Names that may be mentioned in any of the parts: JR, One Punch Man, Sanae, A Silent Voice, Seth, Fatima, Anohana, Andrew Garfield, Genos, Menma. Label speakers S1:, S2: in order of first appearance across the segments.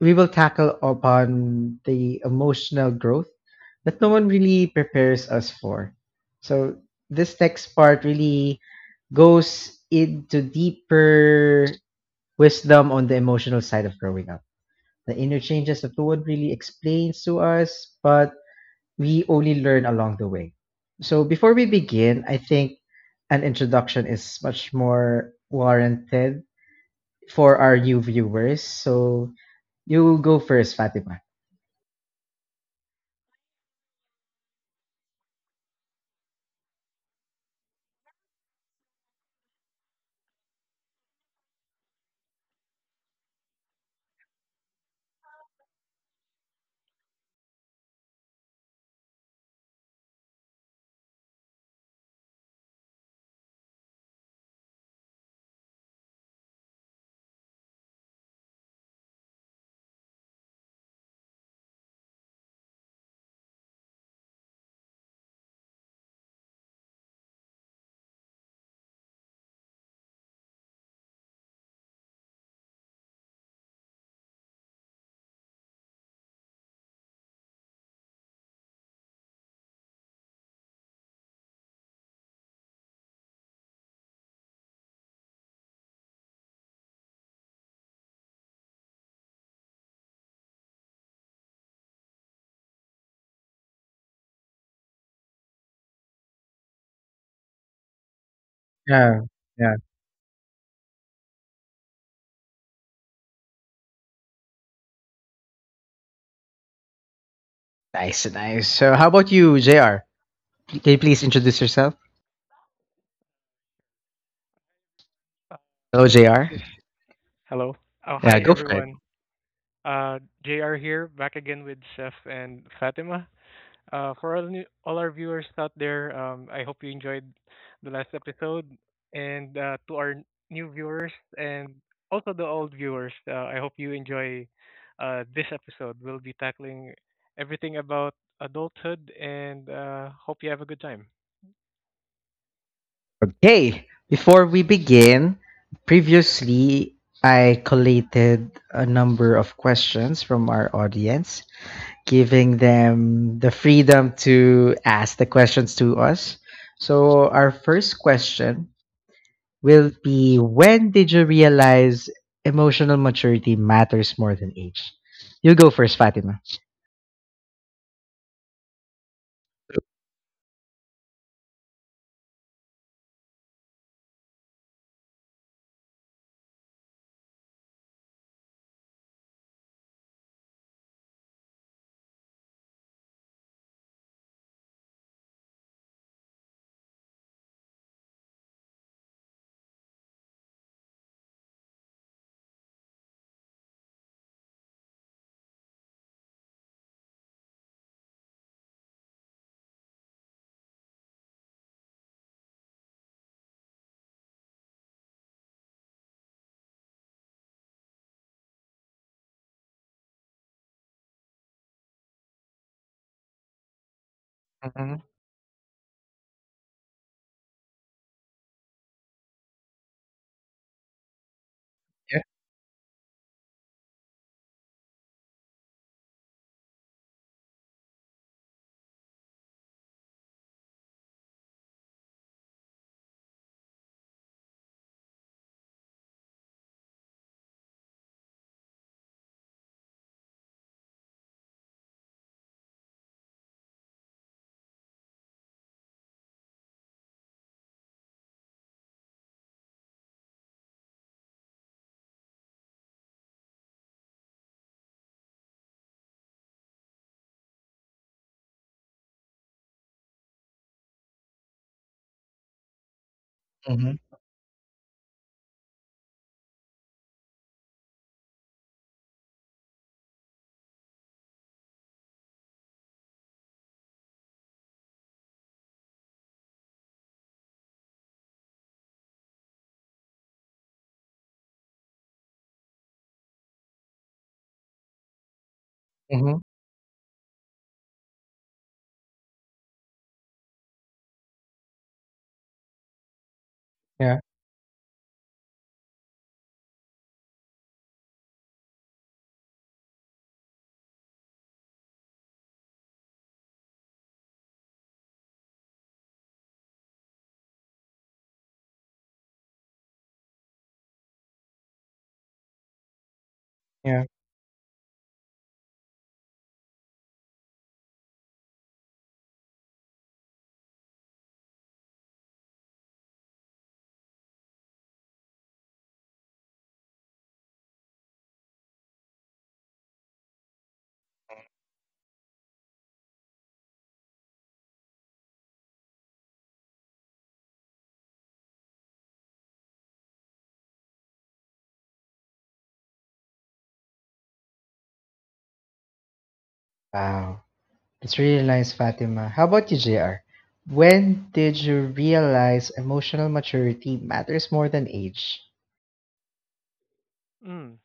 S1: we will tackle upon the emotional growth that no one really prepares us for. So this next part really goes into deeper wisdom on the emotional side of growing up. The inner changes that no one really explains to us, but we only learn along the way. So before we begin, I think an introduction is much more warranted for our new viewers. So you go first, Fatima. Yeah, yeah. Nice, nice. So, how about you, JR? Can you please introduce yourself?
S2: Uh,
S1: Hello,
S2: This
S1: JR.
S2: is hello. Oh,
S1: Yeah,
S2: hi,
S1: go for it.
S2: everyone. Uh, JR here, back again with Seth and Fatima. For all our viewers out there, I hope you enjoyed the last episode. And to our new viewers and also the old viewers, I hope you enjoy this episode. We'll be tackling everything about adulthood, and hope you have a good time.
S1: Okay, before we begin, previously I collated a number of questions from our audience, giving them the freedom to ask the questions to us. So, our first question will be: when did you realize emotional maturity matters more than age? You go first, Fatima. So mhm. Yeah. Mhm. Mhm. Yeah. Yeah. Wow, it's really nice, Fatima. How about you, JR? When did you realize emotional maturity matters more than age?
S2: Mm.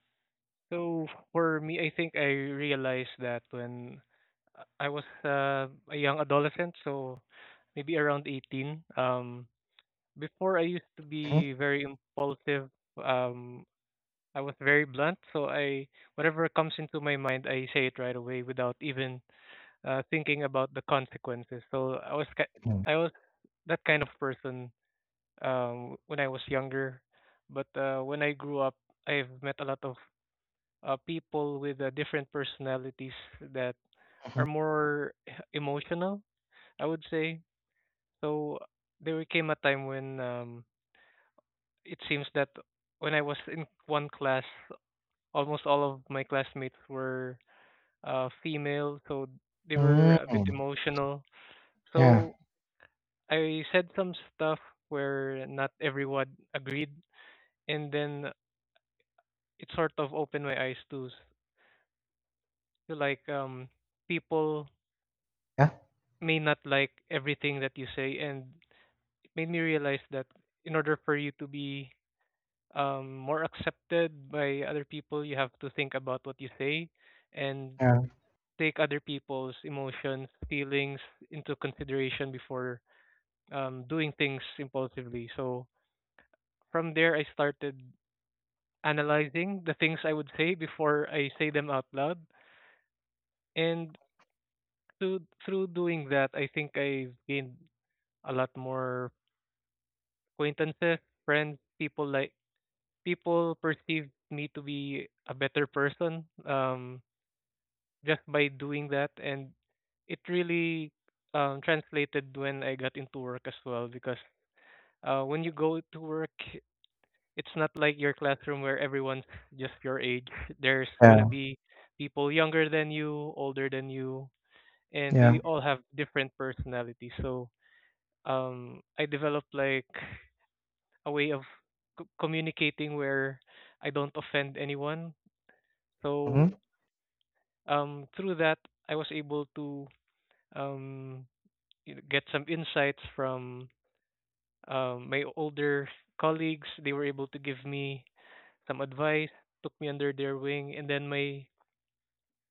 S2: So for me, I think I realized that when I was a young adolescent, so maybe around 18. Before, I used to
S1: Mhm.
S2: be very impulsive. Um, I was very blunt, so I whatever comes into my mind, I say it right away without even thinking about the consequences. So
S1: Mhm.
S2: I was that kind of person when I was younger, but when I grew up, I've met a lot of people with different personalities that
S1: Mhm.
S2: are more emotional, I would say. So there came a time when it seems that when I was in one class, almost all of my classmates were female, so they were a bit
S1: Mm.
S2: emotional.
S1: Yeah,
S2: So I said some stuff where not everyone agreed, and then it sort of opened my eyes to, like, people
S1: yeah.
S2: may not like everything that you say, and it made me realize that in order for you to be more accepted by other people, you have to think about what you say and
S1: Yeah.
S2: take other people's emotions, feelings into consideration before doing things impulsively. So from there, I started analyzing the things I would say before I say them out loud, and through doing that, I think I've gained a lot more acquaintances, friends, people. Perceived me to be a better person just by doing that, and it really translated when I got into work as well, because when you go to work, it's not like your classroom where everyone's just your age. There's gonna
S1: Yeah.
S2: be people younger than you, older than you, and
S1: Yeah,
S2: they all have different personalities. So I developed, like, a way of communicating where I don't offend anyone. So
S1: mhm.
S2: through that, I was able to um, get some insights from my older colleagues. They were able to give me some advice, took me under their wing, and then my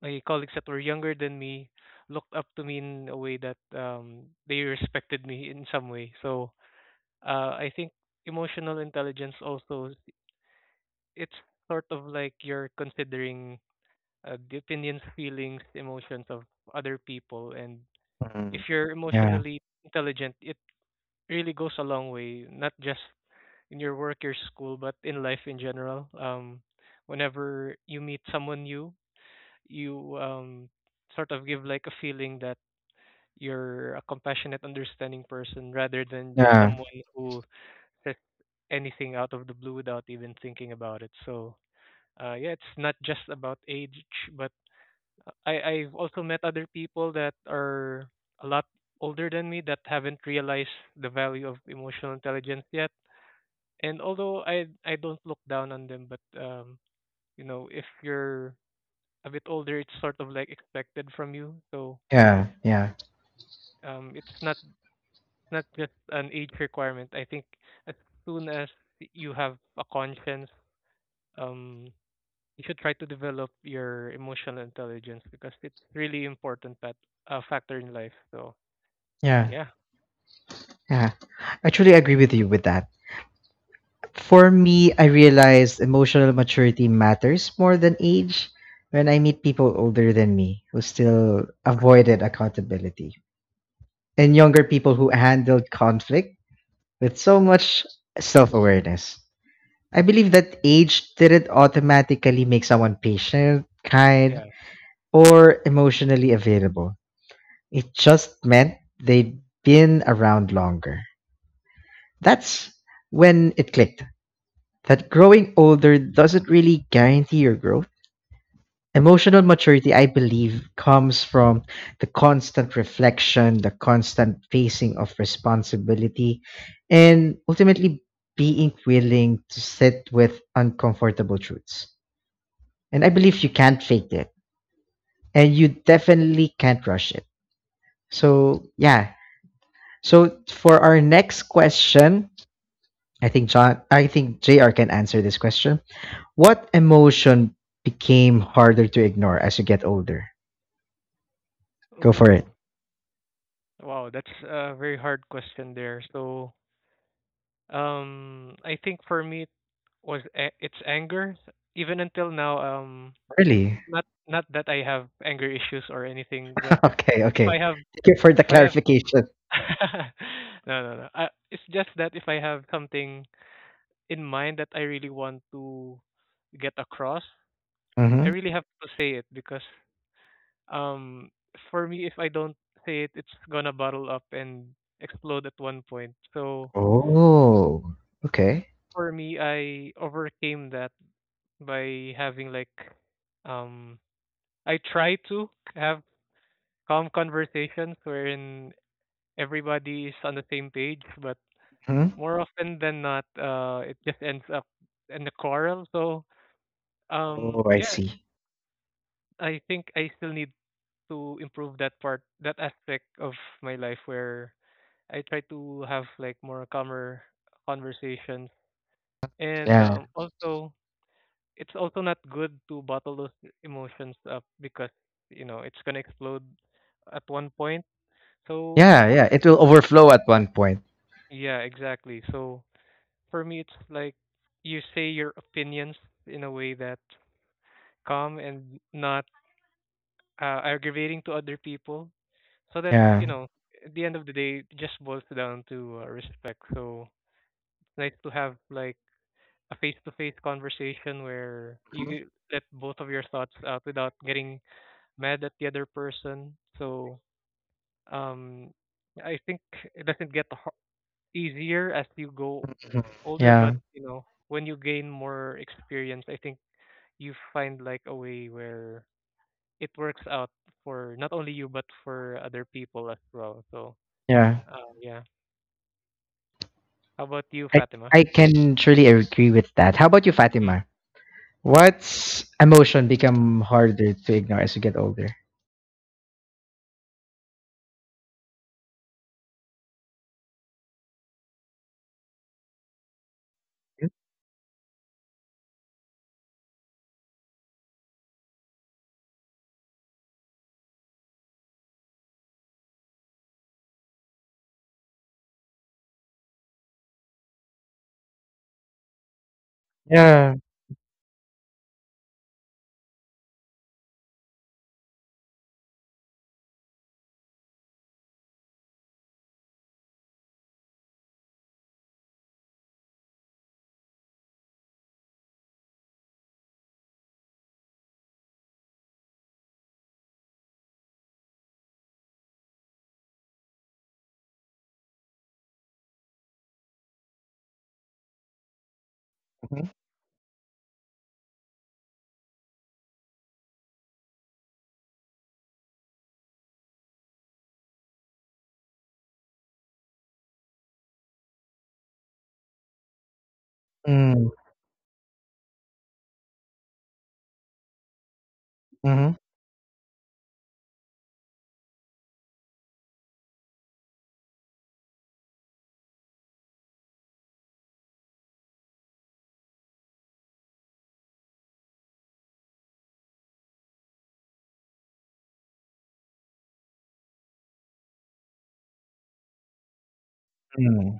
S2: my colleagues that were younger than me looked up to me in a way that they respected me in some way. So I think emotional intelligence, also it's sort of like you're considering the opinions, feelings, emotions of other people, and if
S1: Mm.
S2: you're
S1: Yeah,
S2: emotionally intelligent, it really goes a long way, not just in your work, your school, but in life in general. Whenever you meet someone new, you sort of give, like, a feeling that you're a compassionate, understanding person rather than just
S1: yeah,
S2: someone who says anything out of the blue without even thinking about it. So, yeah, it's not just about age, but I've also met other people that are a lot older than me that haven't realized the value of emotional intelligence yet. And although I don't look down on them, but if you're a bit older, it's sort of like expected from you. So
S1: yeah, yeah,
S2: it's not just an age requirement. I think as soon as you have a conscience, um, you should try to develop your emotional intelligence, because it's really important, that factor in life. So
S1: yeah.
S2: yeah,
S1: Yeah, actually, I truly agree with you with that. For me, I realized emotional maturity matters more than age when I meet people older than me who still avoided accountability and younger people who handled conflict with so much self awareness. I believe that age didn't automatically make someone patient, kind,
S2: yeah.
S1: or emotionally available. It just meant they'd been around longer. That's when it clicked that growing older doesn't really guarantee your growth. Emotional maturity, I believe, comes from the constant reflection, the constant facing of responsibility, and ultimately being willing to sit with uncomfortable truths. And I believe you can't fake it, and you definitely can't rush it. So, yeah. So, for our next question, I think JR can answer this question. What emotion became harder to ignore as you get older? Go for it.
S2: Oh, wow, that's a very hard question there. So I think for me it was it's anger. Even until now,
S1: Really?
S2: not that I have anger issues or anything, but
S1: Okay,
S2: if I
S1: okay.
S2: have
S1: Thank you for the
S2: if I have
S1: clarification.
S2: no, no, no, it's just that if I have something in mind that I really want to get across, I
S1: Mm-hmm.
S2: really have to say it, because um for me, if I don't say it, it's gonna bottle up and explode at one point. So
S1: Oh, okay.
S2: for me, I overcame that by having, like, um I try to have calm conversations wherein everybody is on the same page, but
S1: Hmm.
S2: more often than not, it just ends up in a quarrel. So
S1: Oh, I
S2: yeah,
S1: see.
S2: I think I still need to improve that part, that aspect of my life, where I try to have, like, more calmer conversations, and
S1: Yeah,
S2: also it's also not good to bottle those emotions up, because it's gonna explode at one point. So
S1: yeah, yeah. It will overflow at one point.
S2: yeah, exactly. So for me, it's like you say your opinions in a way that calm and not aggravating to other people, so that, you
S1: Yeah,
S2: know, at the end of the day, it just boils down to respect. So it's nice to have, like, a face-to-face conversation where you let both of your thoughts out without getting mad at the other person. So um, I think it doesn't get easier as you go
S1: mhm.
S2: older,
S1: Yeah,
S2: but, you know, when you gain more experience, I think you find, like, a way where it works out for not only you but for other people as well. So,
S1: yeah.
S2: yeah, how about you,
S1: I
S2: Fatima?
S1: I can truly agree with that. How about you,
S2: Mm.
S1: Fatima? What's emotion become harder to ignore as you get older? Yeah. Mm-hmm. Mm-hmm. Mm-hmm.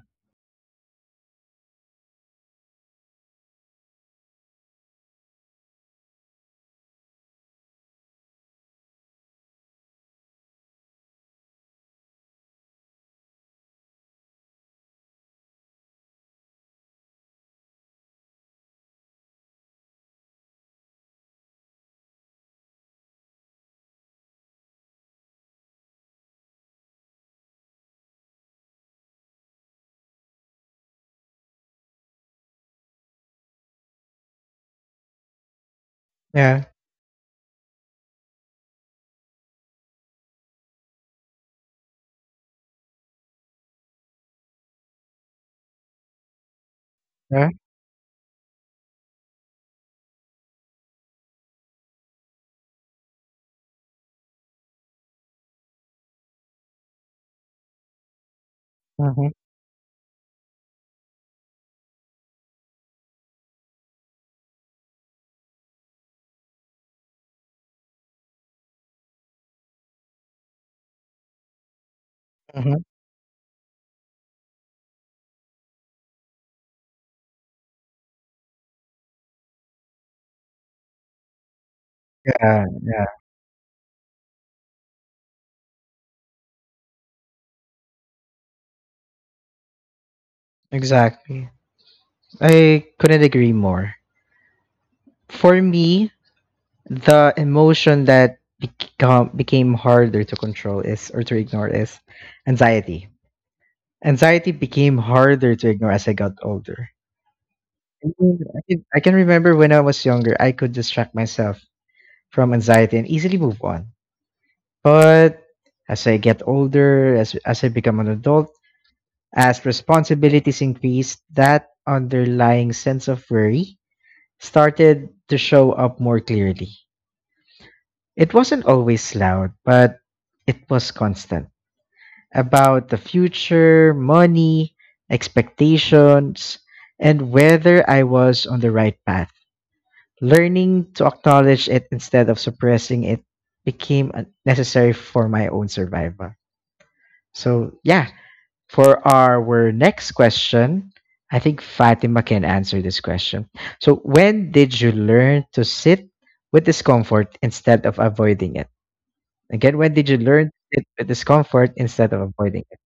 S1: Yeah. Mhm, mhm, mhm. Yeah, yeah, exactly. I couldn't agree more. For me, the emotion that became harder to control is or to ignore is anxiety. Anxiety became harder to ignore as I got older. I mean, I can remember when I was younger, I could distract myself from anxiety and easily move on. But as I get older, as I become an adult, as responsibilities increased, that underlying sense of worry started to show up more clearly. It wasn't always loud, but it was constant about the future, money, expectations, and whether I was on the right path. Learning to acknowledge it instead of suppressing it became necessary for my own survival. So, yeah, for our next question, I think Fatima can answer this question. So, when did you learn to sit with discomfort instead of avoiding it? Again, when did you learn to sit with discomfort instead of avoiding it?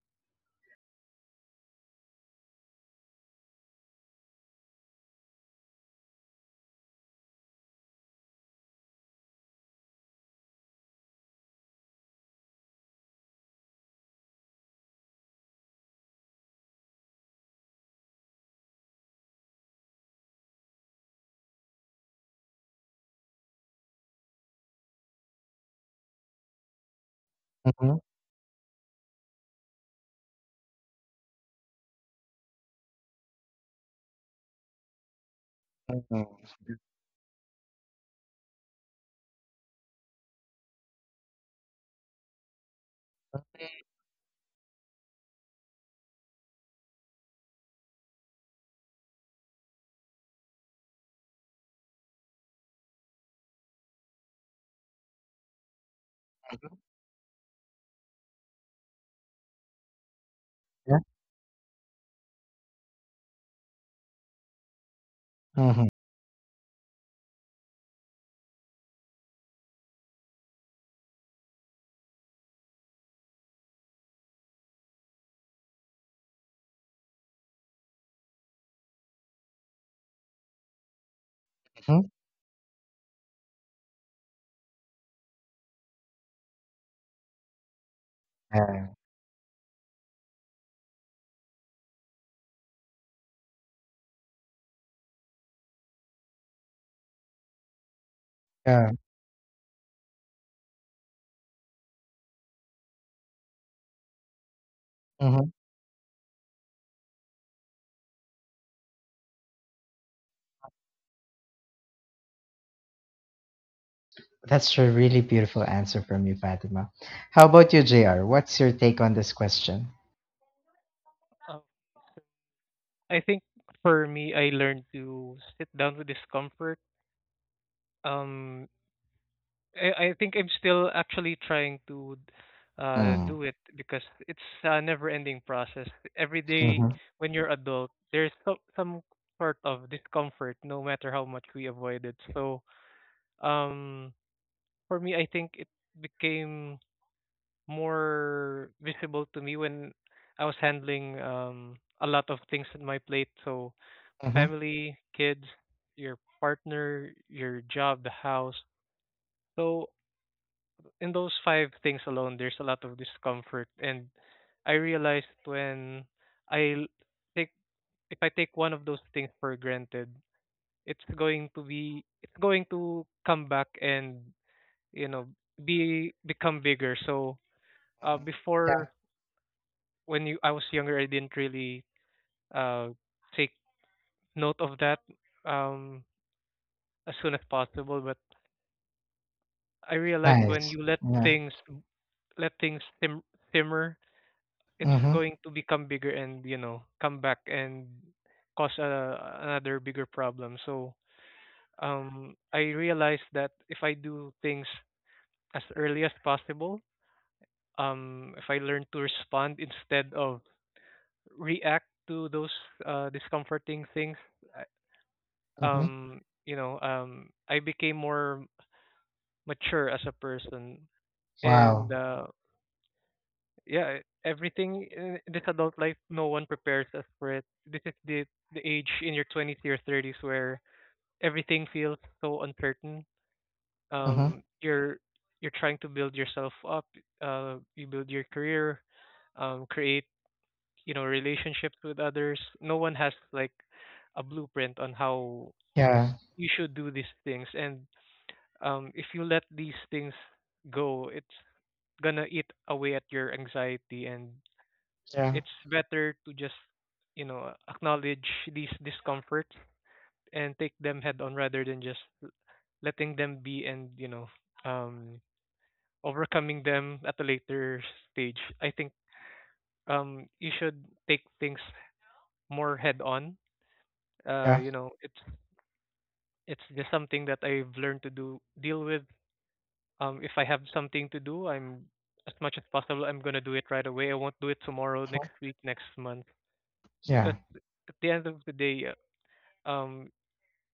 S1: Mhm, mhm. Yeah. Mm-hmm. Yeah. Mhm. That's a really beautiful answer from you, Fatima. How about you, JR? What's your take on this question?
S2: Uh, I think for me, I learned to sit down with discomfort. Um, I think I'm still actually trying to
S1: Mm.
S2: do it because it's a never-ending process. Every day
S1: Mm-hmm.
S2: when you're adult, there's some sort of discomfort, no matter how much we avoid it. So um, for me, I think it became more visible to me when I was handling a lot of things on my plate. So
S1: Mm-hmm.
S2: family, kids, your partner, your job, the house. So in those five things alone, there's a lot of discomfort, and I realized when I l- take if I take one of those things for granted, it's going to come back and, you know, be become bigger. So
S1: Yeah.
S2: before, when you I was younger, I didn't really uh, take note of that um, as soon as possible. But I realized when
S1: Nice.
S2: you let
S1: Yeah.
S2: things let things simmer, it's
S1: Mm-hmm.
S2: going to become bigger and, you know, come back and cause another bigger problem. So I realized that if I do things as early as possible, if I learn to respond instead of react to those discomforting things, I-
S1: Mm-hmm.
S2: I became more mature as a person, and
S1: Wow.
S2: yeah, everything in this adult life, no one prepares us for it. This is the age in your twenties, your thirties, where everything feels so uncertain.
S1: Mm-hmm.
S2: Um, you're you're trying to build yourself up. You build your career. Create, relationships with others. No one has, like, a blueprint on how
S1: Yeah.
S2: you should do these things, and if you let these things go, it's gonna eat away at your anxiety, and
S1: Yeah.
S2: it's better to just, acknowledge these discomforts and take them head on rather than just letting them be and um overcoming them at a later stage. I think you should take things more head on. uh
S1: Yeah.
S2: you know it's it's just something that I've learned to do deal with. If I have something to do, I'm as much as possible, I'm going to do it right away. I won't do it tomorrow,
S1: Mhm,
S2: next week, next month, because
S1: yeah.
S2: at the end of the day, uh, um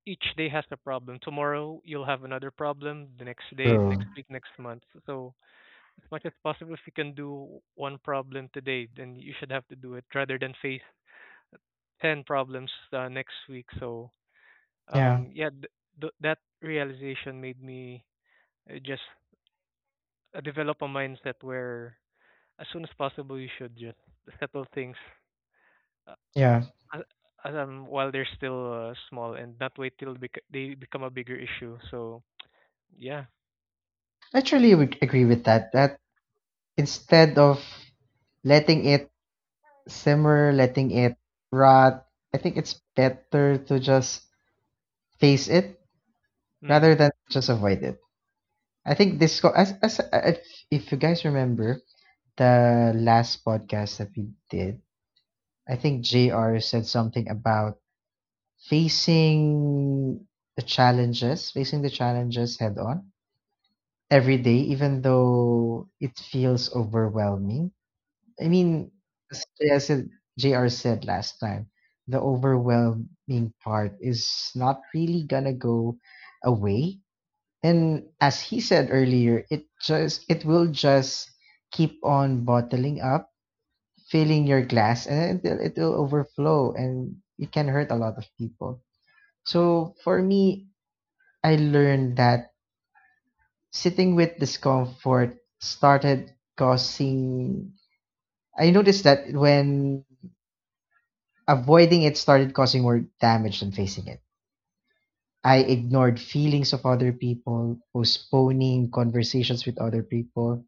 S2: each day has a problem. Tomorrow you'll have another problem, the next day,
S1: True.
S2: next week, next month. So as much as possible, if you can do one problem today, then you should have to do it rather than face 10 problems next week. So
S1: Yeah.
S2: yeah, that realization made me just develop a mindset where, as soon as possible, you should just settle things. Uh,
S1: Yeah.
S2: while they're still small and not wait till they become a bigger issue. So yeah.
S1: I truly would agree with that. That instead of letting it simmer, letting it rot, I think it's better to just face it rather
S2: Mm.
S1: than just avoid it. I think this as if you guys remember the last podcast that we did, I think JR said something about facing facing the challenges head on every day, even though it feels overwhelming. I mean, as JR said, JR said last time, the overwhelming part is not really gonna go away. And as he said earlier, it will just keep on bottling up, filling your glass, and until it will overflow, and it can hurt a lot of people. So for me, I learned that sitting with discomfort started causing. I noticed that when avoiding it started causing more damage than facing it. I ignored feelings of other people, postponing conversations with other people,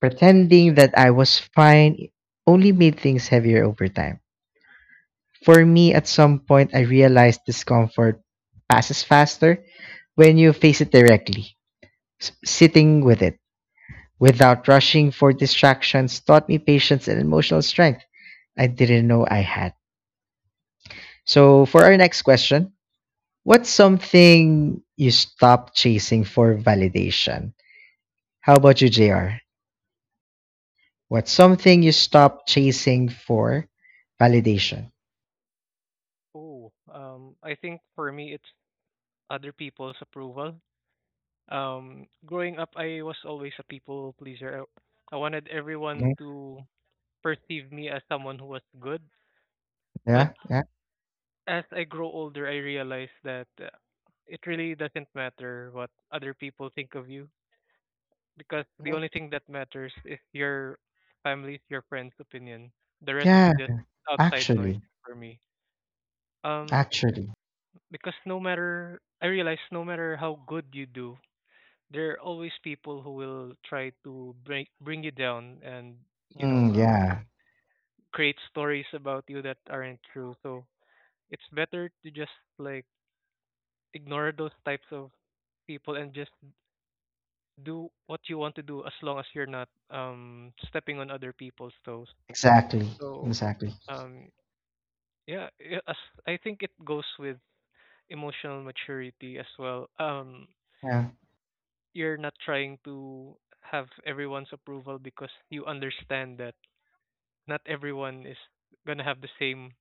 S1: pretending that I was fine only made things heavier over time. For me, at some point, I realized discomfort passes faster when you face it directly. Sitting with it without rushing for distractions taught me patience and emotional strength I didn't know I had. So, for our next question, what's something you stopped chasing for validation? How about you, JR? What's something you stop chasing for validation?
S2: Oh, I think for me it's other people's approval. Growing up, I was always a people pleaser. I wanted everyone
S1: Mhm.
S2: to perceive me as someone who was good. But
S1: Yeah, yeah,
S2: as I grow older, I realize that it really doesn't matter what other people think of you, because the
S1: mm,
S2: only thing that matters is your family's, your friends' opinion. The rest is
S1: yeah.
S2: just outside noise
S1: Actually,
S2: for me. Um,
S1: actually,
S2: because no matter I realize no matter how good you do, there are always people who will try to bring you down and you know
S1: mm,
S2: um
S1: yeah,
S2: create stories about you that aren't true, so it's better to just like ignore those types of people and just do what you want to do as long as you're not stepping on other people's toes.
S1: exactly,
S2: So
S1: exactly.
S2: um yeah, as I think it goes with emotional maturity as well.
S1: Yeah.
S2: You're not trying to have everyone's approval because you understand that not everyone is gonna have the same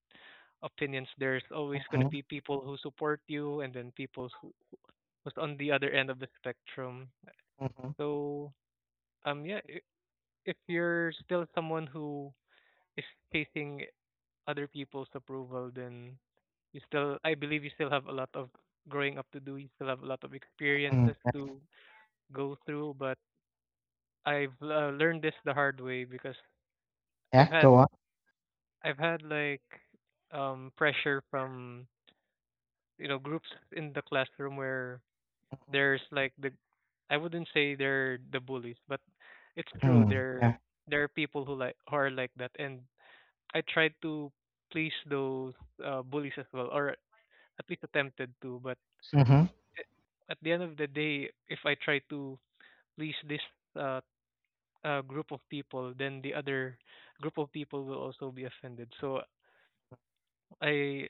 S2: opinions. There's always gonna
S1: Mm-hmm,
S2: be people who support you and then people who's on the other end of the spectrum.
S1: mm-hmm,
S2: So yeah, if you're still someone who is chasing other people's approval, then you still I believe you still have a lot of growing up to do. You still have a lot of experiences
S1: mm.
S2: to go through, but I've learned this the hard way because I've
S1: Yeah. Go
S2: had
S1: on.
S2: I've had like pressure from groups in the classroom where there's like the I wouldn't say they're the bullies, but it's true.
S1: Mm,
S2: There
S1: yeah.
S2: there are people who who are like that, and I tried to please those bullies as well, or at least attempted to. But
S1: Mm-hmm,
S2: at the end of the day, if I try to please this uh, group of people, then the other group of people will also be offended. So I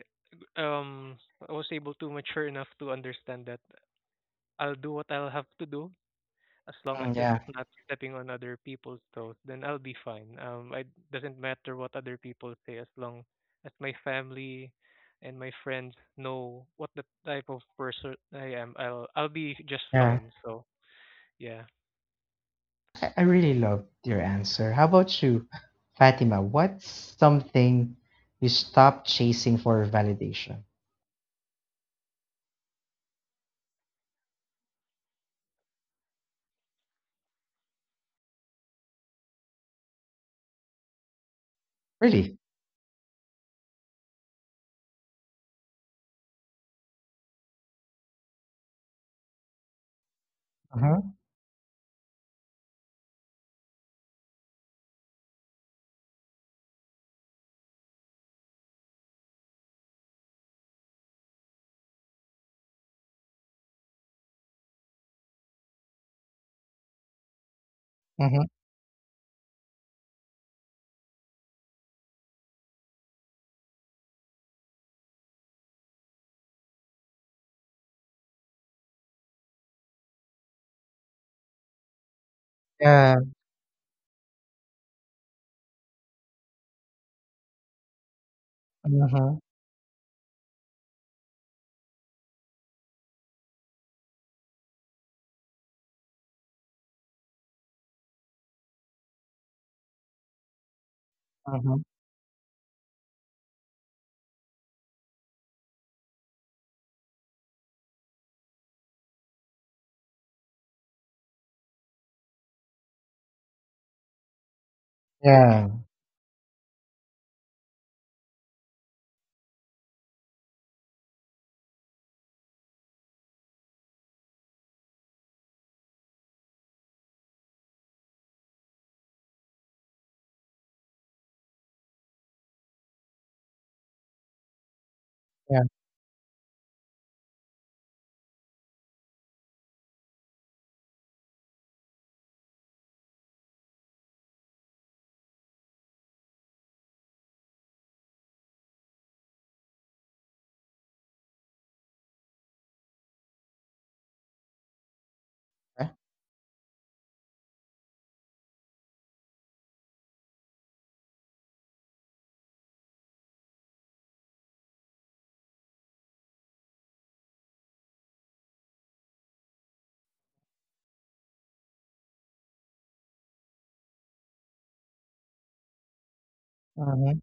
S2: um I was able to mature enough to understand that I'll do what I'll have to do as long as
S1: mm,
S2: it's
S1: yeah.
S2: not stepping on other people's toes, then I'll be fine. It doesn't matter what other people say as long as my family and my friends know what the type of person I am. I'll be just
S1: Yeah.
S2: fine. So yeah,
S1: I really loved your answer. How about you, Fatima? What's something you stopped chasing for validation? Really? Uh huh. Uh huh. Yeah. Uh huh. Uh huh. Yeah. Yeah. Uh huh.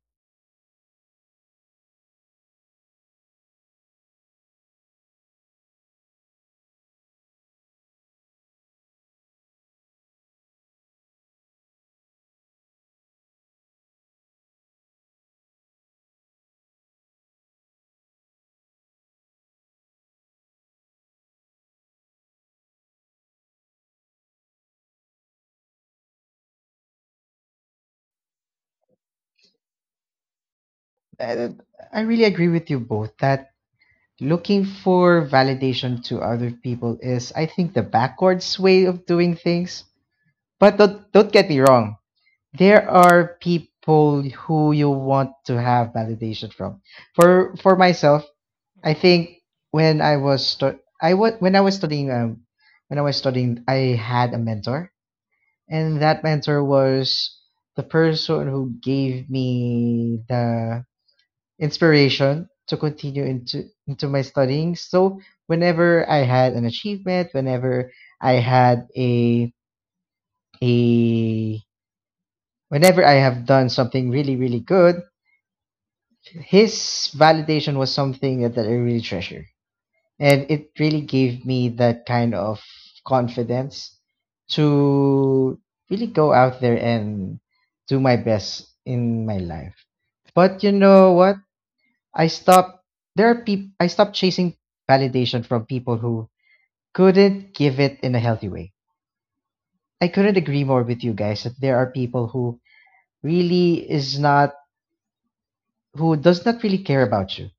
S1: I, I really agree with you both that looking for validation to other people is, I think, the backwards way of doing things. But don't get me wrong, there are people who you want to have validation from. For myself, I
S2: mm.
S1: think when I was when I was studying when I was studying I had a mentor and that mentor was the person who gave me the inspiration to continue into my studying. So whenever I had an achievement, whenever I had a whenever I have done something really really good, his validation was something that I really treasure. And it really gave me that kind of confidence to really go out there and do my best in my life. But you know what? I stopped, there are people I stopped chasing validation from, people who couldn't give it in a healthy way. I couldn't agree more with you guys that there are people who really is not who does not really care about you,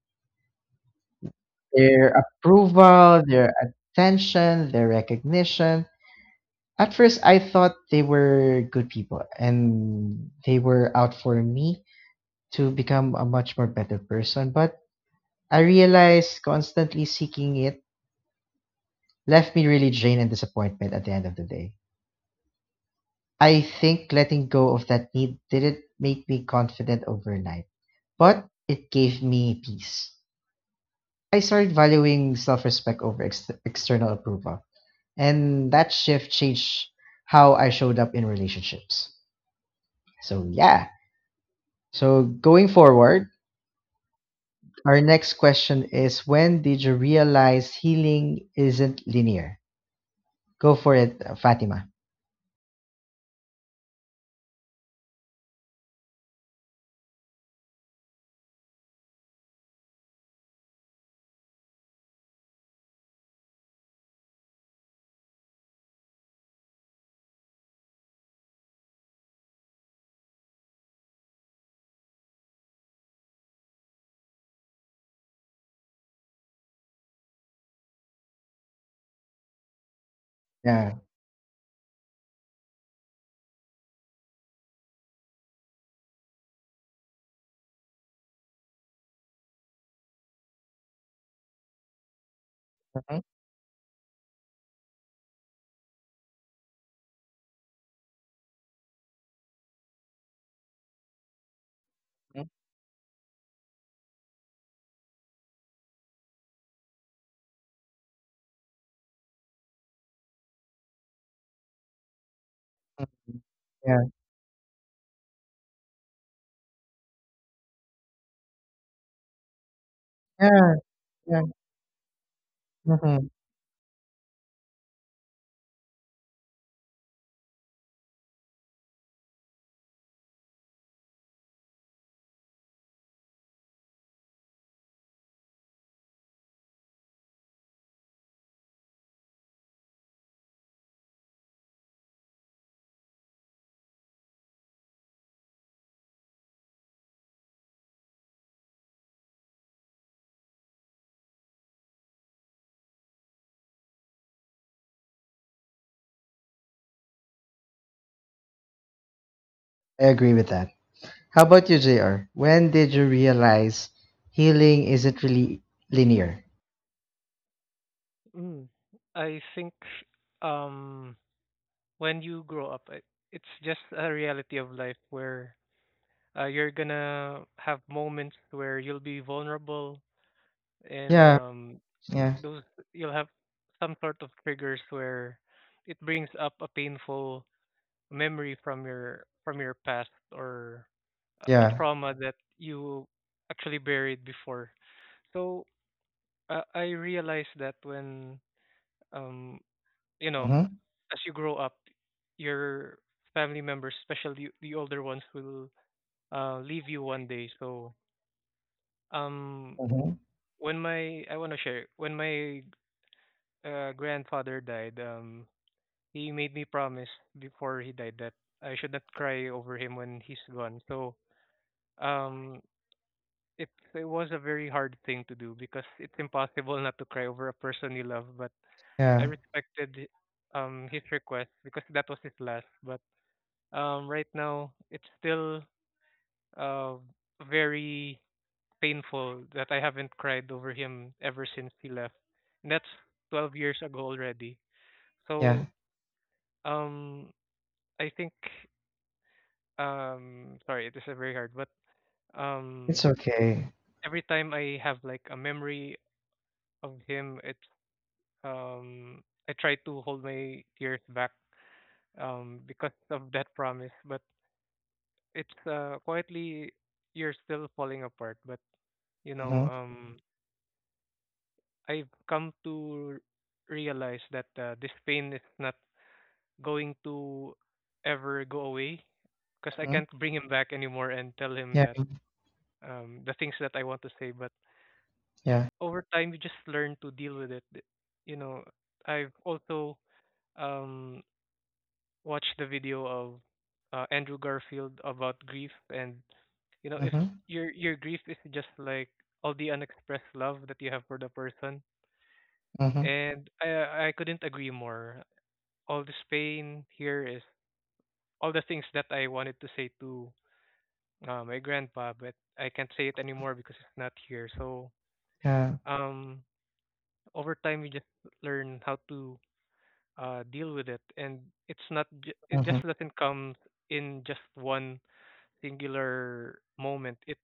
S1: their approval, their attention, their recognition. At first, I thought they were good people and they were out for me to become a much more better person. But I realized constantly seeking it left me really drained and disappointment at the end of the day. I think letting go of that need didn't make me confident overnight, but it gave me peace. I started valuing self respect over external approval, and that shift changed how I showed up in relationships. So, yeah. So, going forward, our next question is: when did you realize healing isn't linear? Go for it, Fatima. Yeah. Mhm, mhm, mhm. Yeah. Yeah. Yeah. Mhm. I agree with that. How about you, JR? When did you realize healing isn't really linear?
S2: Mm. I think um when you grow up, it's just a reality of life where you're gonna have moments where you'll be vulnerable and
S1: Yeah. Yeah.
S2: those you'll have some sort of triggers where it brings up a painful memory from your past or a
S1: Yeah.
S2: trauma that you actually buried before. So I realized that when um you know
S1: Mm-hmm.
S2: as you grow up, your family members, especially the older ones, will leave you one day. So um
S1: Mm-hmm.
S2: when my I want to share when my grandfather died, he made me promise before he died that I should not cry over him when he's gone. So um, it it was a very hard thing to do because it's impossible not to cry over a person you love. But
S1: Yeah.
S2: I respected his request because that was his last. But right now it's still uh very painful that I haven't cried over him ever since he left. And that's 12 years ago already.
S1: Yeah.
S2: So um I think sorry this is very hard, but
S1: It's
S2: um
S1: okay.
S2: every time I have like a memory of him, it's um I try to hold my tears back because of that promise. But it's quietly you're still falling apart. But you know
S1: Mm-hmm.
S2: um I've come to realize that this pain is not going to ever go away because I
S1: Mm-hmm.
S2: can't bring him back anymore and tell him
S1: Yeah.
S2: that the things that I want to say. But
S1: Yeah.
S2: over time you just learn to deal with it. You know, I've also um watched the video of Andrew Garfield about grief, and you know if
S1: Mm-hmm.
S2: your grief is just like all the unexpressed love that you have for the person,
S1: Mm-hmm.
S2: and I couldn't agree more. All this pain here is all the things that I wanted to say to my grandpa, but I can't say it anymore because it's not here. So
S1: Yeah.
S2: um over time you just learn how to deal with it, and it's not it
S1: Mm-hmm.
S2: just doesn't come in just one singular moment.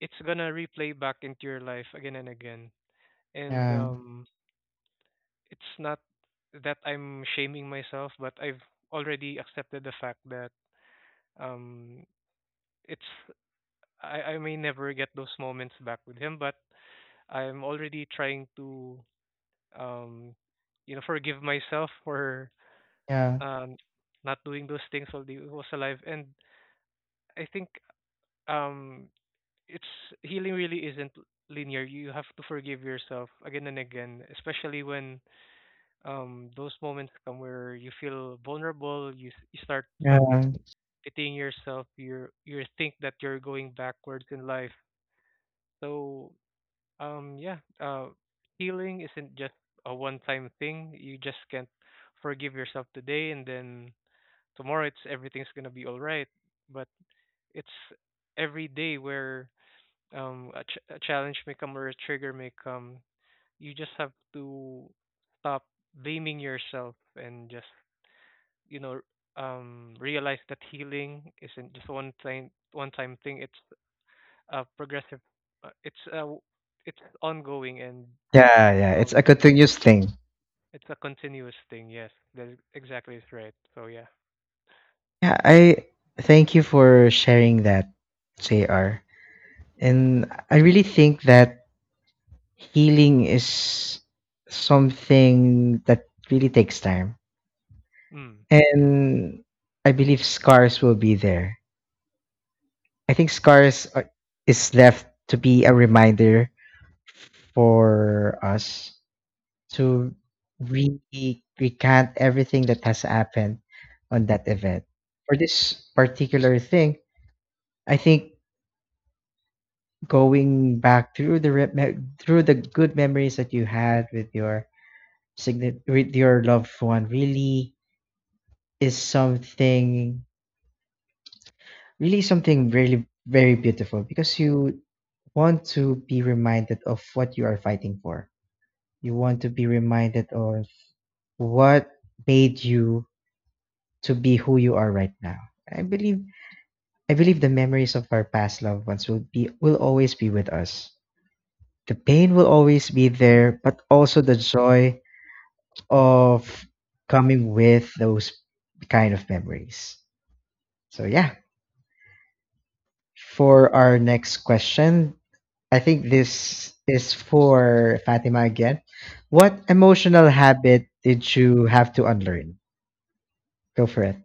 S2: It's gonna replay back into your life again and again, and
S1: Yeah.
S2: it's not that I'm shaming myself, but I've already accepted the fact that um, it's I may never get those moments back with him, but I'm already trying to um, forgive myself for
S1: Yeah.
S2: um, not doing those things while he was alive. And I think um it's healing really isn't linear. You have to forgive yourself again and again, especially when those moments come where you feel vulnerable, you you start self
S1: Yeah.
S2: pitying yourself, you think that you're going backwards in life. So yeah, healing isn't just a one time thing. You just can't forgive yourself today and then tomorrow it's everything's gonna be all right. But it's every day where a challenge may come or a trigger may come, you just have to stop blaming yourself and just you know realize that healing isn't just one time thing. It's a progressive it's a it's ongoing, and
S1: Yeah, yeah. It's a
S2: um
S1: continuous thing.
S2: it's a continuous thing. Yes, exactly is right. So yeah,
S1: Yeah, I thank you for sharing that, JR. And I really think that healing is something that really takes time.
S2: mm.
S1: And I believe scars will be there. I think scars are, is left to be a reminder for us to really recant everything that has happened on that event. For this particular thing, I think going back through the good memories that you had with your signi with your loved one really is something really very beautiful, because you want to be reminded of what you are fighting for. You want to be reminded of what made you to be who you are right now. I believe I believe the memories of our past loved ones will always be with us. The pain will always be there, but also the joy of coming with those kind of memories. So yeah, for our next question, I think this is for Fatima again. What emotional habit did you have to unlearn? Go for it.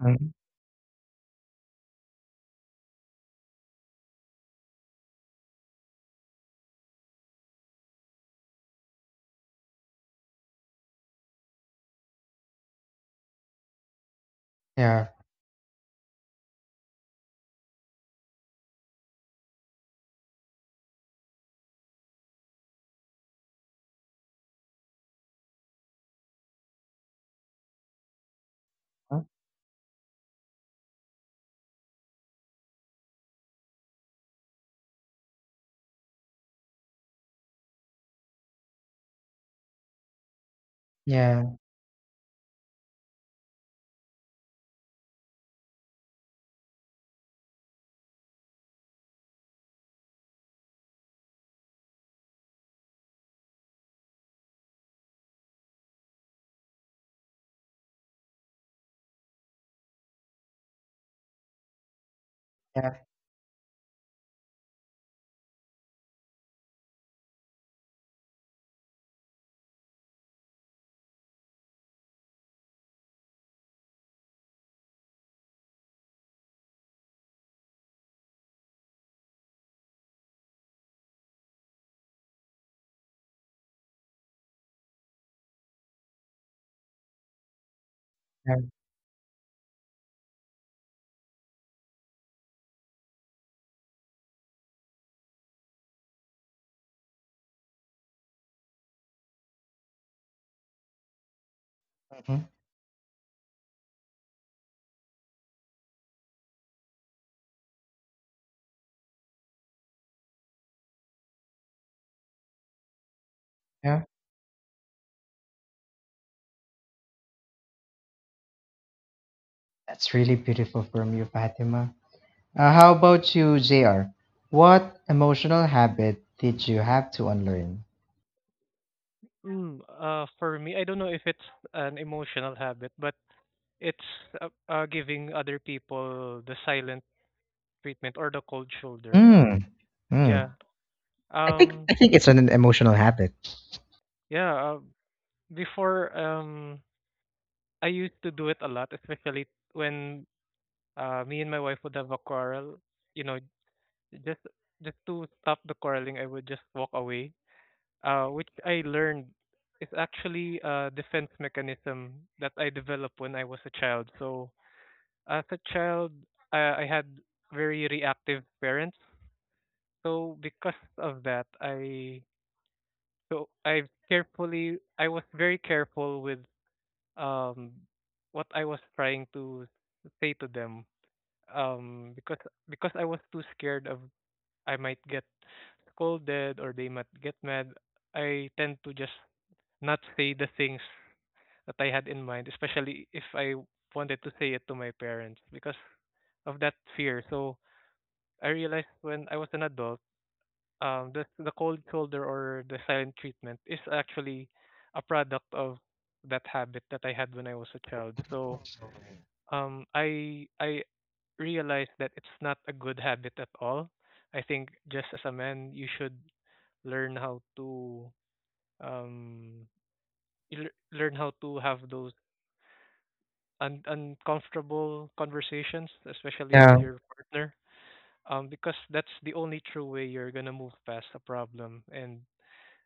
S1: Mhm. Yeah. Huh? Yeah. Yeah. Yeah. Mhm. Yeah. That's really beautiful from you, Fatima. How about you, JR? What emotional habit did you have to unlearn?
S2: For me, I don't know if it's an emotional habit, but it's giving other people the silent treatment or the cold shoulder.
S1: Mm,
S2: Yeah.
S1: mm. I think
S2: Um
S1: I think it's an emotional habit.
S2: yeah, before I used to do it a lot, especially when me and my wife would have a quarrel, you know, just just to stop the quarreling, I would just walk away. Which I learned is actually a defense mechanism that I developed when I was a child. So as a child, I had very reactive parents. So because of that, I've carefully I was very careful with um what I was trying to say to them. Um because because I was too scared of I might get scolded or they might get mad, I tend to just not say the things that I had in mind, especially if I wanted to say it to my parents because of that fear. So I realized when I was an adult, the cold shoulder or the silent treatment is actually a product of that habit that I had when I was a child. So I realized that it's not a good habit at all. I think just as a man, you should learn how to um, you learn how to have those uncomfortable conversations, especially with
S1: Yeah.
S2: your partner, because that's the only true way you're gonna move past a problem. And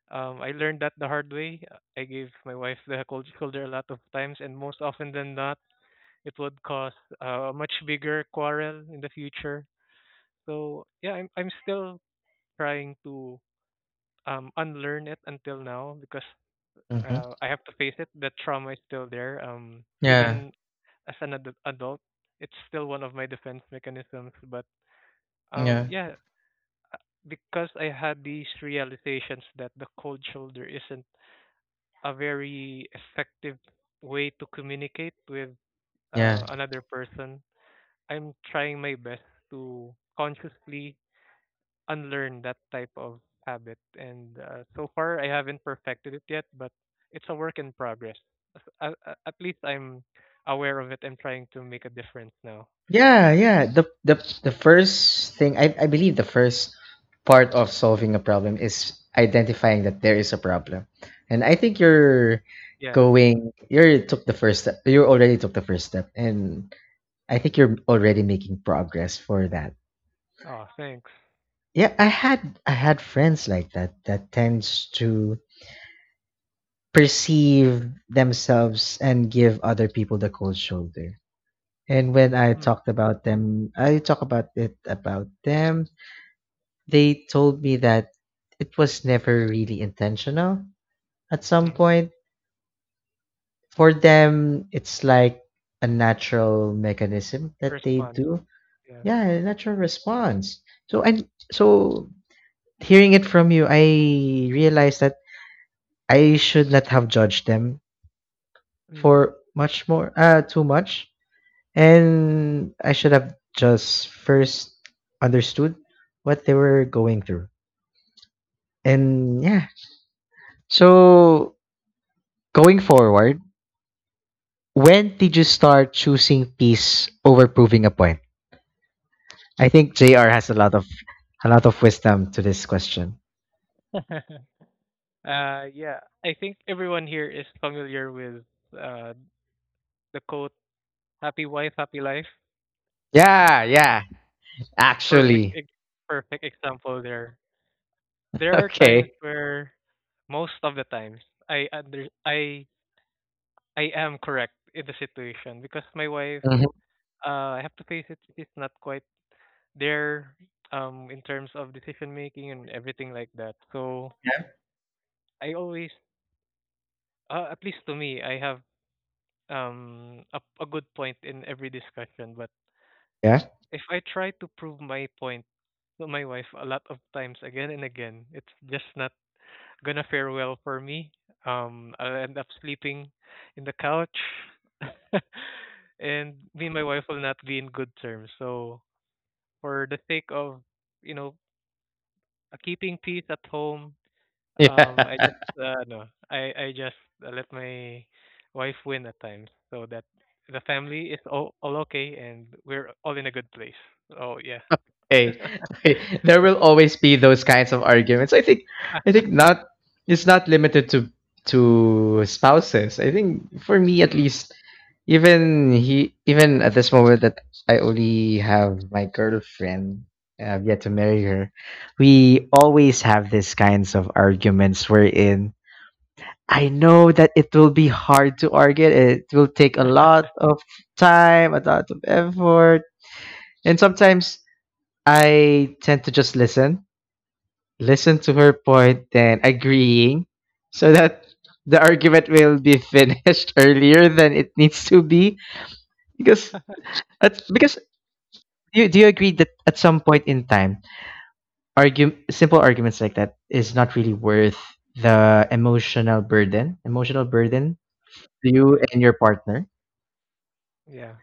S2: I learned that the hard way. I gave my wife the cold shoulder a lot of times, and most often than not, it would cause a much bigger quarrel in the future. So yeah, I'm still trying to unlearn it until now because
S1: Hmm.
S2: I have to face it. The trauma is still there.
S1: Yeah.
S2: Even as an adult, it's still one of my defense mechanisms. But
S1: Yeah.
S2: yeah, uh, because I had these realizations that the cold shoulder isn't a very effective way to communicate with
S1: Yeah.
S2: another person, I'm trying my best to consciously unlearn that type of habit, and so far I haven't perfected it yet, but it's a work in progress. At least I'm aware of it. I'm trying to make a difference now.
S1: Yeah. Yeah. The first thing I believe the first part of solving a problem is identifying that there is a problem, and I think
S2: Yeah.
S1: you're took the first step. You already took the first step, and I think you're already making progress for that.
S2: Oh, thanks.
S1: Yeah, I had friends like that that tends to perceive themselves and give other people the cold shoulder. And when I
S2: Mm.
S1: talked about them, I talk about it about them, they told me that it was never really intentional at some
S2: hmm
S1: point. For them, it's like a natural mechanism that they
S2: Response.
S1: do.
S2: Yeah.
S1: Yeah, a natural response. So and so hearing it from you, I realized that I should not have judged them
S2: Mm.
S1: for much more, too much. And I should have just first understood what they were going through. And yeah. So going forward, when did you start choosing peace over proving a point? I think JR has a lot of wisdom to this question.
S2: uh, yeah. I think everyone here is familiar with uh, the quote, happy wife, happy life.
S1: Yeah, yeah.
S2: Perfect,
S1: Actually.
S2: ex- Perfect example there. There are times
S1: Okay.
S2: where, most of the times, I under, I I am correct in the situation because my wife,
S1: Mhm.
S2: I have to face it, she's not quite there, in terms of decision making and everything like that. So I always, at least to me, I have a good point in every discussion. But
S1: Yeah.
S2: if I try to prove my point to my wife a lot of times again and again, it's just not gonna fare well for me. I'll end up sleeping in the couch, and me and my wife will not be in good terms. So, for the sake of you know keeping peace at home, I just
S1: Yeah.
S2: no, I just let my wife win at times, so that the family is all okay and we're all in a good place. Oh yeah.
S1: Hey, there will always be those kinds of arguments. I think not. It's not limited to spouses. I think for me at
S2: Mm.
S1: least, even at this moment that I only have my girlfriend, I've yet to marry her. We always have these kinds of arguments wherein I know that it will be hard to argue. It will take a lot of time, a lot of effort, and sometimes I tend to just listen to her point, then agreeing, so that the argument will be finished earlier than it needs to be. Because because do you agree that at some point in time, argue simple arguments like that is not really worth the emotional burden to you
S2: Yes.
S1: and your partner.
S2: Yeah.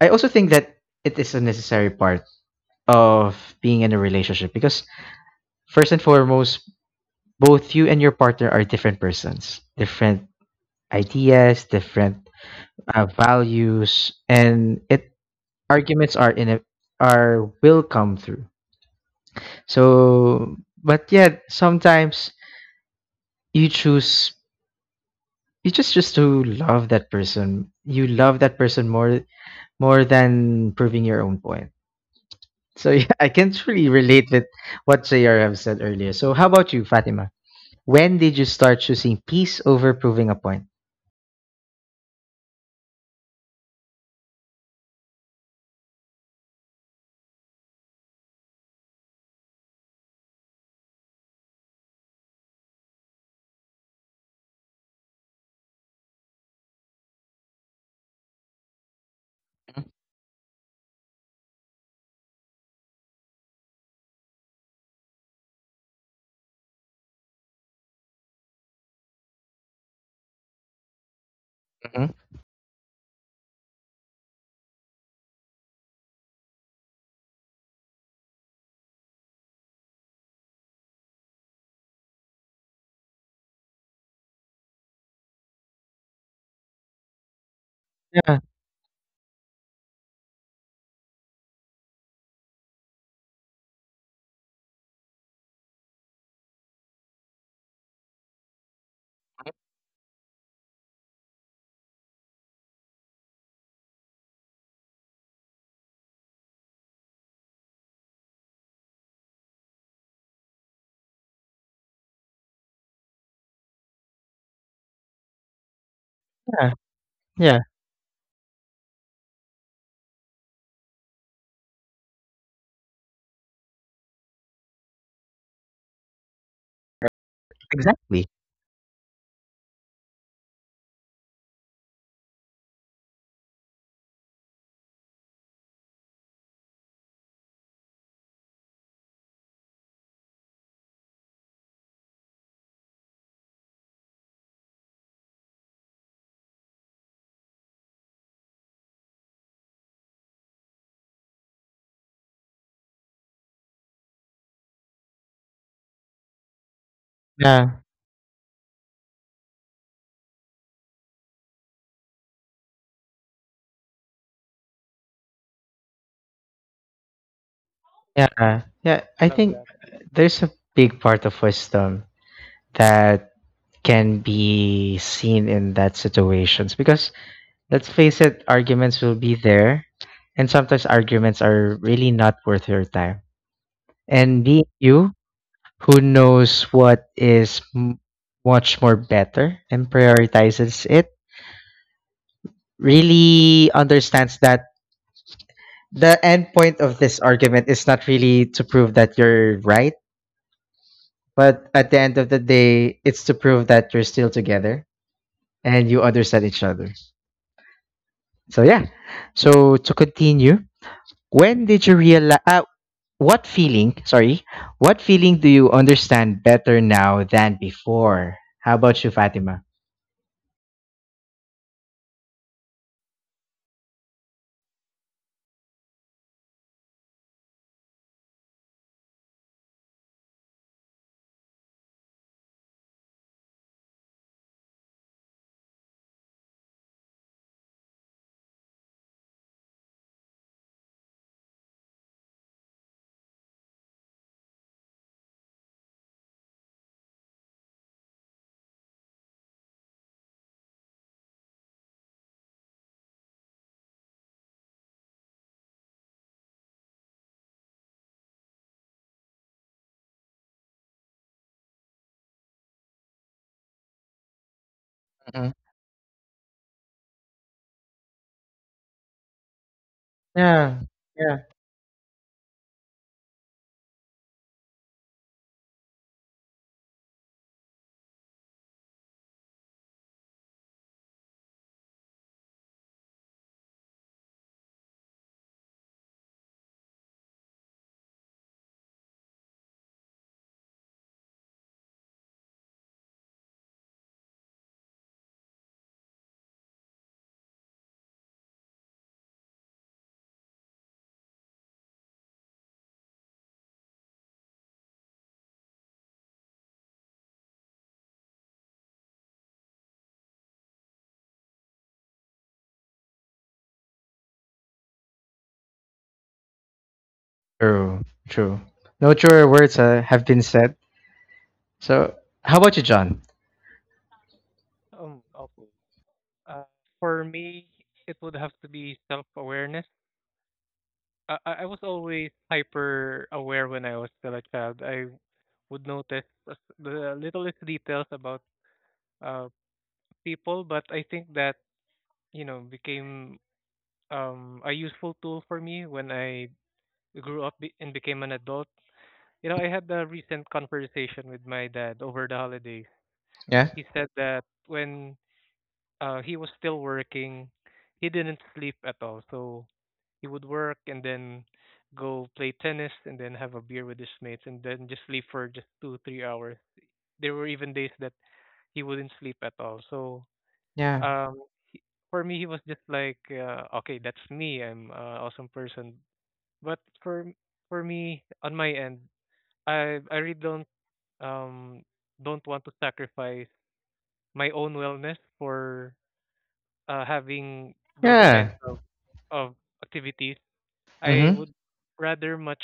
S1: I also think that it is a necessary part of being in a relationship because first and foremost both you and your partner are different persons, different ideas, different values, and it arguments are in a, are will come through. So, but yet sometimes you choose you just to love that person. You love that person more than proving your own point. So yeah, I can truly relate with what JR have said earlier. So how about you, Fatima? When did you start choosing peace over proving a point? Mhm. Yeah, yeah, yeah. Exactly. Yeah, yeah, yeah. I
S2: Love
S1: think
S2: that.
S1: there's a big part of wisdom that can be seen in that situations because let's face it, arguments will be there, and sometimes arguments are really not worth your time. And being you who knows what is much more better and prioritizes it really understands that the end point of this argument is not really to prove that you're right, but at the end of the day, it's to prove that you're still together and you understand each other. So, yeah. So, to continue, when did you realize, what feeling, sorry, what feeling do you understand better now than before? How about you, Fatima? Mhm. Yeah, yeah. True, true. No truer words have been said. So, how about you, John?
S2: Okay. Uh, for me, it would have to be self awareness. I was always hyper aware when I was still a child. I would notice the the littlest details about uh, people, but I think that, you know, became a useful tool for me when I grew up and became an adult. You know, I had a recent conversation with my dad over the holidays.
S1: Yeah,
S2: He said that when he was still working, he didn't sleep at all. So he would work and then go play tennis and then have a beer with his mates and then just sleep for just two, 3 hours. There were even days that he wouldn't sleep at all. So
S1: yeah,
S2: um, for me, he was just like, okay, that's me. I'm an awesome person. But for for me, on my end, I really um don't want to sacrifice my own wellness for having those
S1: yeah.
S2: kinds of activities. I
S1: Mm-hmm.
S2: would rather much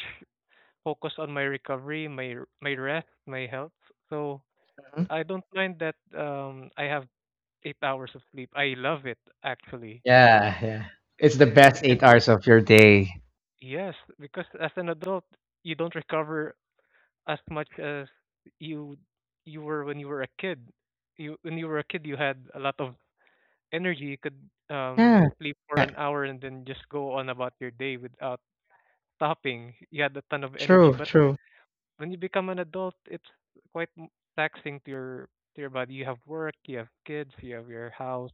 S2: focus on my recovery, my rest, my health. So
S1: Hmm.
S2: I don't mind that I have 8 hours of sleep. I love it actually.
S1: Yeah, yeah. It's the best eight
S2: And
S1: hours of your day.
S2: yes, because as an adult you don't recover as much as you you were when you were a kid. You When you were a kid, you had a lot of energy. You could
S1: Yeah,
S2: sleep for
S1: yeah.
S2: an hour and then just go on about your day without stopping. You had a ton of energy.
S1: True,
S2: But
S1: true.
S2: when you become an adult, it's quite taxing to your body. You have work, you have kids, you have your house.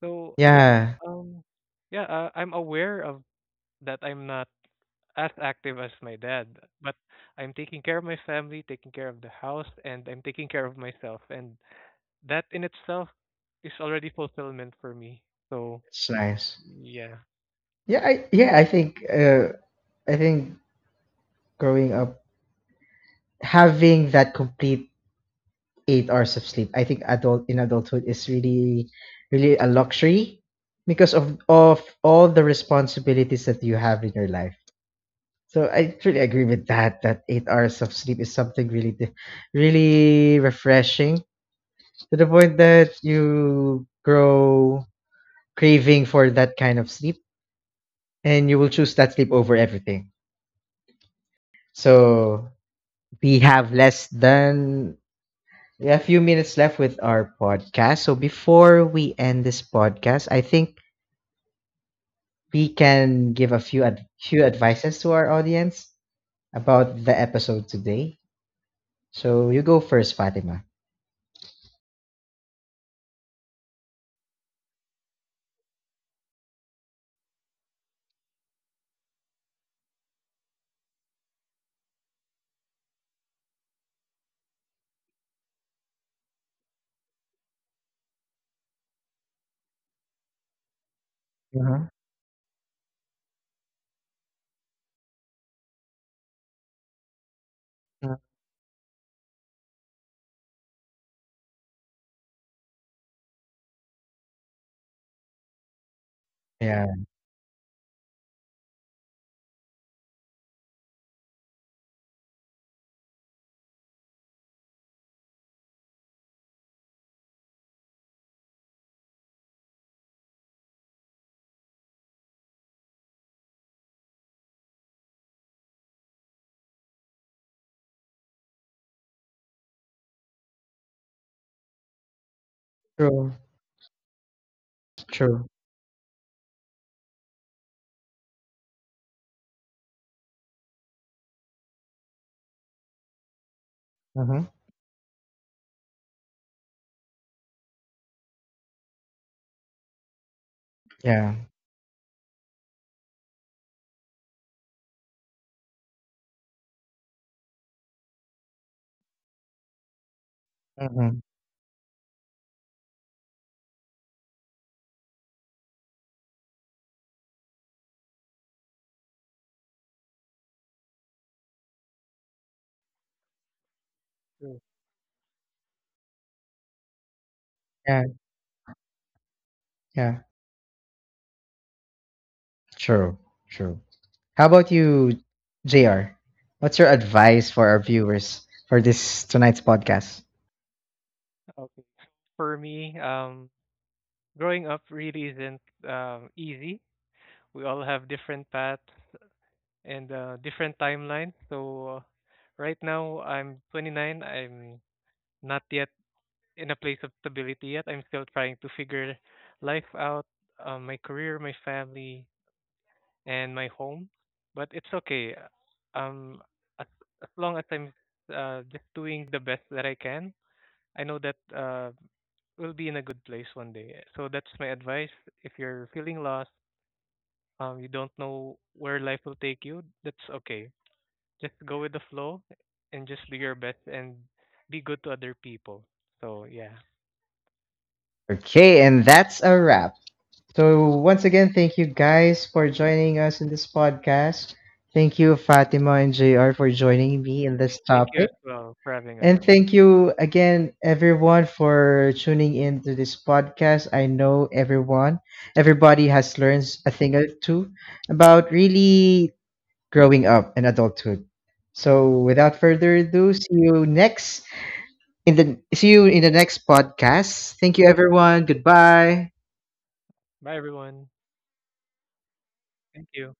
S2: So
S1: Yeah,
S2: um, yeah, I'm aware of that. I'm not as active as my dad, but I'm taking care of my family, taking care of the house, and I'm taking care of myself, and that in itself is already fulfillment for me. So
S1: it's nice.
S2: yeah,
S1: Yeah, I think growing up having that complete 8 hours of sleep, I think adulthood is really, really a luxury because of all the responsibilities that you have in your life. So I truly agree with that. That 8 hours of sleep is something really, really refreshing to the point that you grow craving for that kind of sleep, and you will choose that sleep over everything. So we have less than We have a few minutes left with our podcast. So before we end this podcast, I think we can give few advices to our audience about the episode today. So you go first, Fatima. Mhm. Mm. Yeah. True. True. Mm-hmm. Yeah. Mm-hmm.
S2: Mm.
S1: Yeah. Yeah. True. True. How about you, JR? What's your advice for our viewers for this tonight's podcast?
S2: okay. For me, growing up really isn't easy. We all have different paths and different timeline. So right now I'm 29. I'm not yet in a place of stability yet. I'm still trying to figure life out, my career, my family, and my home. But it's okay. Um, as as long as I'm just doing the best that I can, I know that we'll be in a good place one day. So that's my advice. If you're feeling lost, you don't know where life will take you. That's okay. Just go with the flow and just do your best and be good to other people. So yeah.
S1: Okay, and that's a wrap. So, once again, thank you guys for joining us in this podcast. Thank you, Fatima and JR, for joining me in this
S2: Thank you
S1: topic.
S2: as well for having us.
S1: And thank you again, everyone, for tuning in to this podcast. I know everybody has learned a thing or two about really growing up and adulthood. So
S2: Mm.
S1: without further ado, see you in the next podcast. Thank you everyone. Goodbye.
S2: Bye everyone. Thank you.